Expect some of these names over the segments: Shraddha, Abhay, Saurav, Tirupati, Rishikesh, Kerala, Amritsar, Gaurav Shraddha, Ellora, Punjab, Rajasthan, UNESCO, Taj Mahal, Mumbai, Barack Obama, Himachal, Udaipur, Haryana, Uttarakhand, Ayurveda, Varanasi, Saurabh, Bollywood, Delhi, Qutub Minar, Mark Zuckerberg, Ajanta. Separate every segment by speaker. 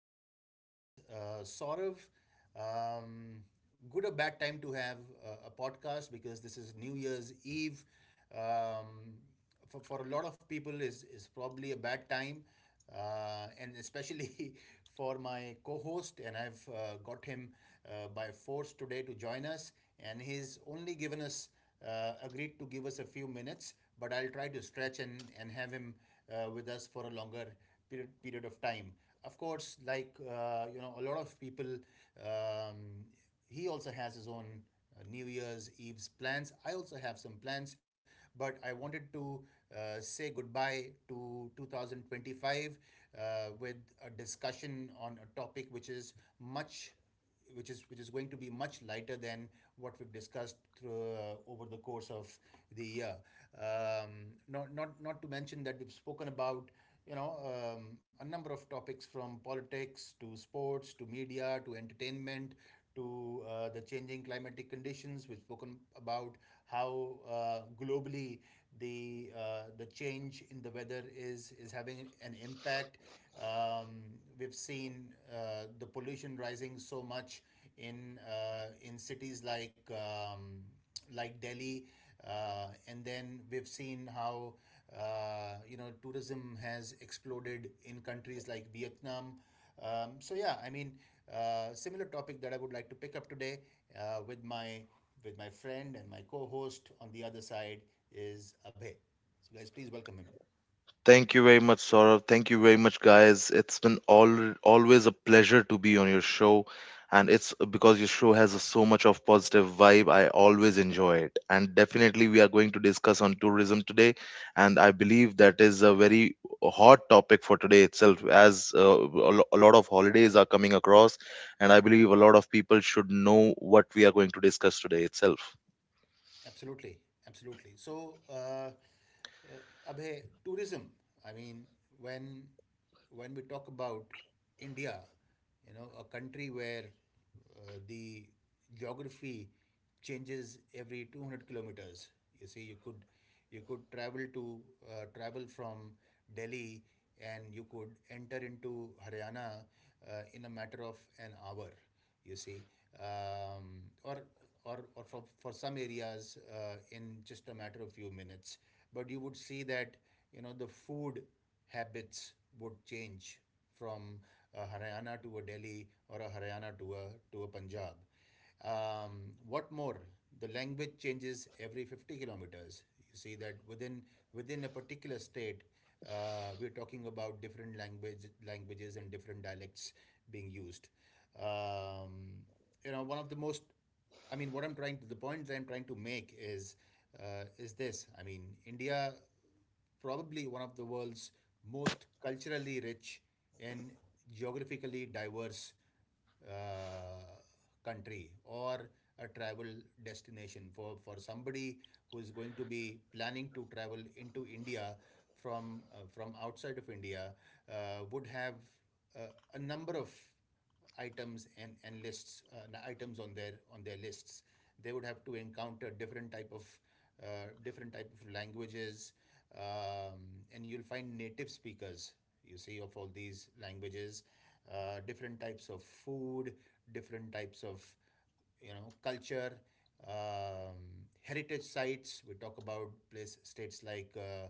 Speaker 1: podcast. This is Saurav. Um, Good or bad time to have a podcast because this is New Year's Eve. Um, for a lot of people is probably a bad time, and especially for my co-host. And I've got him by force today to join us, and he's only given us agreed to give us a few minutes, but I'll try to stretch and have him with us for a longer period of time. Of course, like a lot of people, um, he also has his own New Year's Eve's plans. I also have some plans, but I wanted to say goodbye to 2025 with a discussion on a topic which is much which is going to be much lighter than what we've discussed over the course of the year. Um, not to mention that we've spoken about a number of topics from politics to sports to media to entertainment to the changing climatic conditions. We've spoken about how globally the change in the weather is having an impact. We've seen the pollution rising so much in cities like Delhi, and then we've seen how tourism has exploded in countries like Vietnam. Um, so yeah, I mean, Similar topic that I would like to pick up today uh, with my with my friend and my co-host on the other side is Abhay. So guys, please welcome him.
Speaker 2: Thank you very much, Saurabh. Thank you very much, guys. It's been always a pleasure to be on your show. And it's because your show has so much of positive vibe. I always enjoy it. And definitely, we are going to discuss on Tourism Day. And I believe that is a very hot topic for today itself, as a lot of holidays are coming across. And I believe a lot of people should know what we are going to discuss today itself.
Speaker 1: Absolutely, absolutely. So, uh, Abhay, tourism. I mean, when we talk about India, you know, a country where the geography changes every 200 kilometers. You see, you could travel to travel from Delhi, and you could enter into Haryana in a matter of an hour. You see, um, or or for some areas in just a matter of few minutes. But you would see that you know the food habits would change from a Haryana to a Delhi or a Haryana to a Punjab. What more, the language changes every 50 kilometers. You see that within a particular state, we're talking about different languages and different dialects being used. Um, you know, one of the most I mean, what I'm trying to make is this. I mean, India probably one of the world's most culturally rich and geographically diverse uh, country or a travel destination for somebody who is going to be planning to travel into India from outside of India would have uh, a number of items and lists items on their lists. They would have to encounter different type of uh, languages, um, and you'll find native speakers you see of all these languages, different types of food, different types of, you know, culture, um, heritage sites. We talk about place states like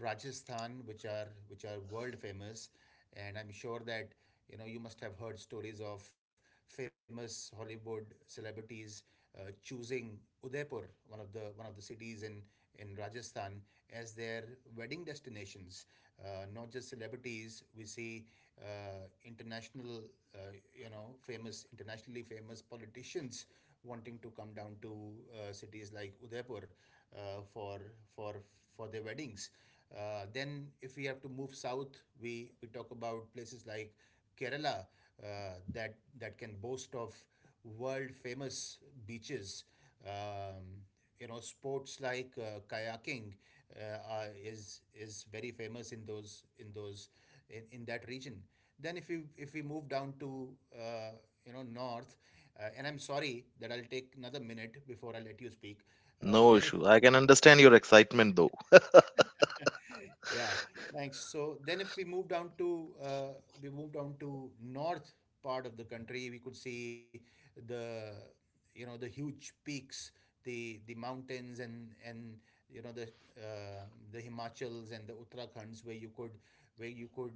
Speaker 1: Rajasthan, which are world famous, and I'm sure that you know you must have heard stories of famous Hollywood celebrities choosing Udaipur, one of the cities in Rajasthan, as their wedding destinations. Not just celebrities, we see uh, international, you know, famous internationally famous politicians wanting to come down to cities like Udaipur uh, for for for their weddings. Then, if we have to move south, we talk about places like Kerala that can boast of world famous beaches. Um, you know, sports like kayaking is very famous in in that region. Then if we move down to north, and I'm sorry that I'll take another minute before I let you speak.
Speaker 2: No
Speaker 1: Then
Speaker 2: issue. I can understand your excitement, though.
Speaker 1: yeah, thanks. So then if we move down to we move down to north part of the country, we could see the you know the huge peaks, the mountains and, you know, uh, the Himachals and the Uttarakhonds, where you could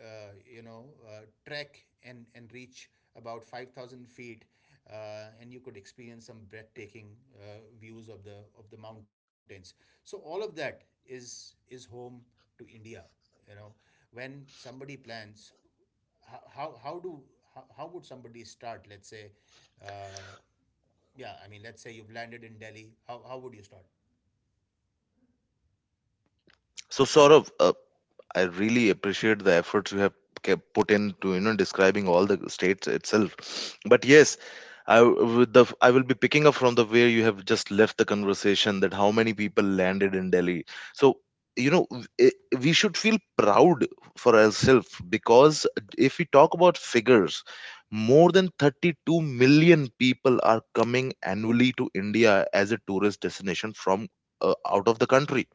Speaker 1: trek and reach about 5000 feet and you could experience some breathtaking views of the mountains. So all of that is home to India. You know, when somebody plans, how how, how do how would somebody start? Let's say, uh, yeah, I mean, let's say you've landed in Delhi. How would you start?
Speaker 2: So, Saurabh, I really appreciate the efforts you have kept put into you know describing all the states itself. But yes, I w- with the I will be picking up from the where you have just left the conversation that how many people landed in Delhi. So you know we should feel proud for ourselves because if we talk about figures, more than 32 million people are coming annually to India as a tourist destination from out of the country.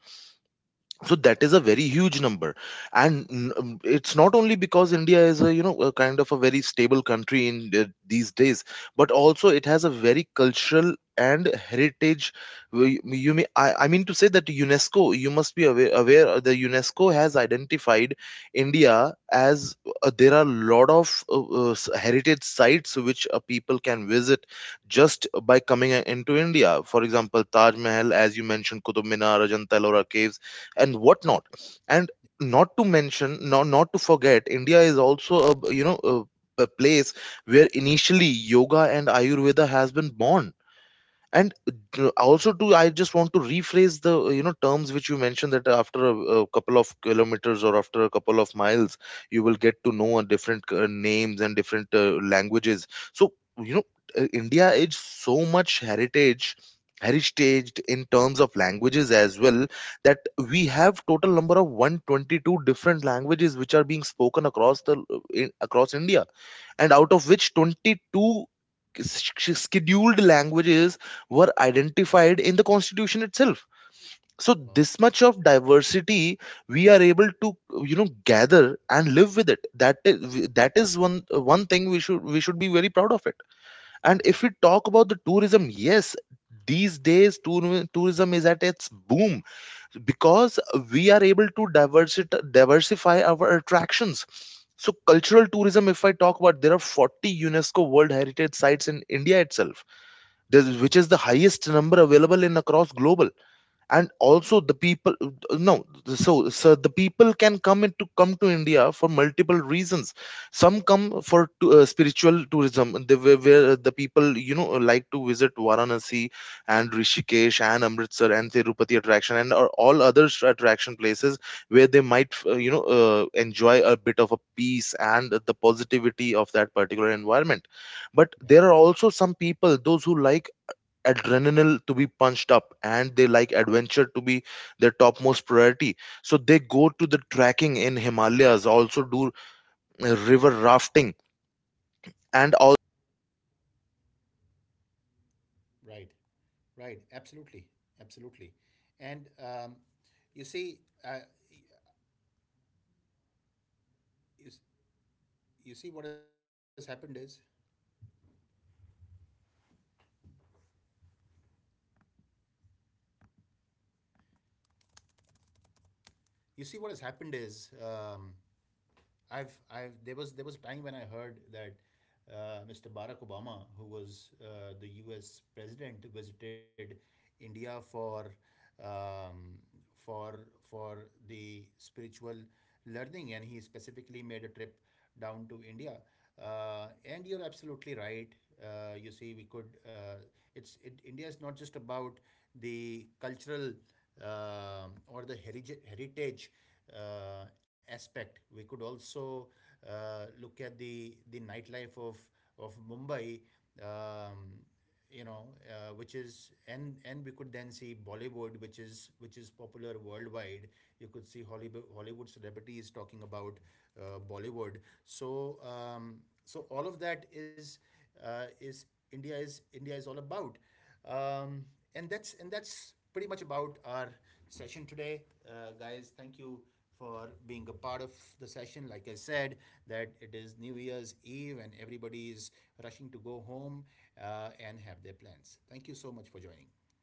Speaker 2: So
Speaker 1: Wow.
Speaker 2: that is a very huge number. And it's not only because India is a, you know, a kind of a very stable country in these days, but also it has a very cultural and heritage. You may, I mean to say that UNESCO, you must be aware, the UNESCO has identified India as, there are a lot of heritage sites which people can visit just by coming into India, for example Taj Mahal, as you mentioned, Qutub Minar, Ajanta Ellora caves, and whatnot. And not to mention, not to forget, India is also a, you know, a place where initially yoga and Ayurveda has been born. And
Speaker 1: Yeah.
Speaker 2: also too, I just want to rephrase the, you know, terms which you mentioned, that after a couple of kilometers or after a couple of miles, you will get to know a different names and different languages. So you know, India is so much heritage in terms of languages as well, that we have total number of 122 different languages which are being spoken across the across India. And out of which 22 scheduled languages were identified in the constitution itself. So
Speaker 1: Wow.
Speaker 2: this much of diversity we are able to, you know, gather and live with it. That is, one thing we should be very proud of it. And
Speaker 1: Yeah.
Speaker 2: if we talk about the tourism, yes, these days tourism is at its boom, because we are able to diversify our attractions. So, cultural tourism, if I talk about, there are 40 UNESCO world heritage sites in India itself,
Speaker 1: Hmm.
Speaker 2: which is the highest number available in across global. And also the people, no, so the people can come into come to India for multiple reasons. Some come for spiritual tourism, where the people, you know, like to visit Varanasi and Rishikesh and Amritsar and Tirupati attraction and or all other attraction places, where they might, enjoy a bit of a peace and the positivity of that particular environment. But
Speaker 1: Yeah.
Speaker 2: there are also some people those who like adrenaline to be punched up, and they like adventure to be their topmost priority. So they go
Speaker 1: Yeah. Right. Right. Absolutely. Absolutely. And you see, you, you see what has happened is you see what has happened is um, I've there was time when I heard that Mr. Barack Obama, who was the U.S. president, visited India for um, for for the spiritual learning, and he specifically made a trip down to India. And you're absolutely right. You see, we could. India is not just about the cultural or the heritage, uh, aspect. We could also look at the nightlife of Mumbai. Um, you know, which is And we could then see Bollywood, which is popular worldwide. You could see Hollywood celebrities talking about Bollywood. So um, so all of that is uh, is India is all about. Um, and that's pretty much about our session today, guys. Thank you for being a part of the session. Like I said, that it is New Year's Eve and everybody is rushing to go home and have their plans. Thank you so much for joining.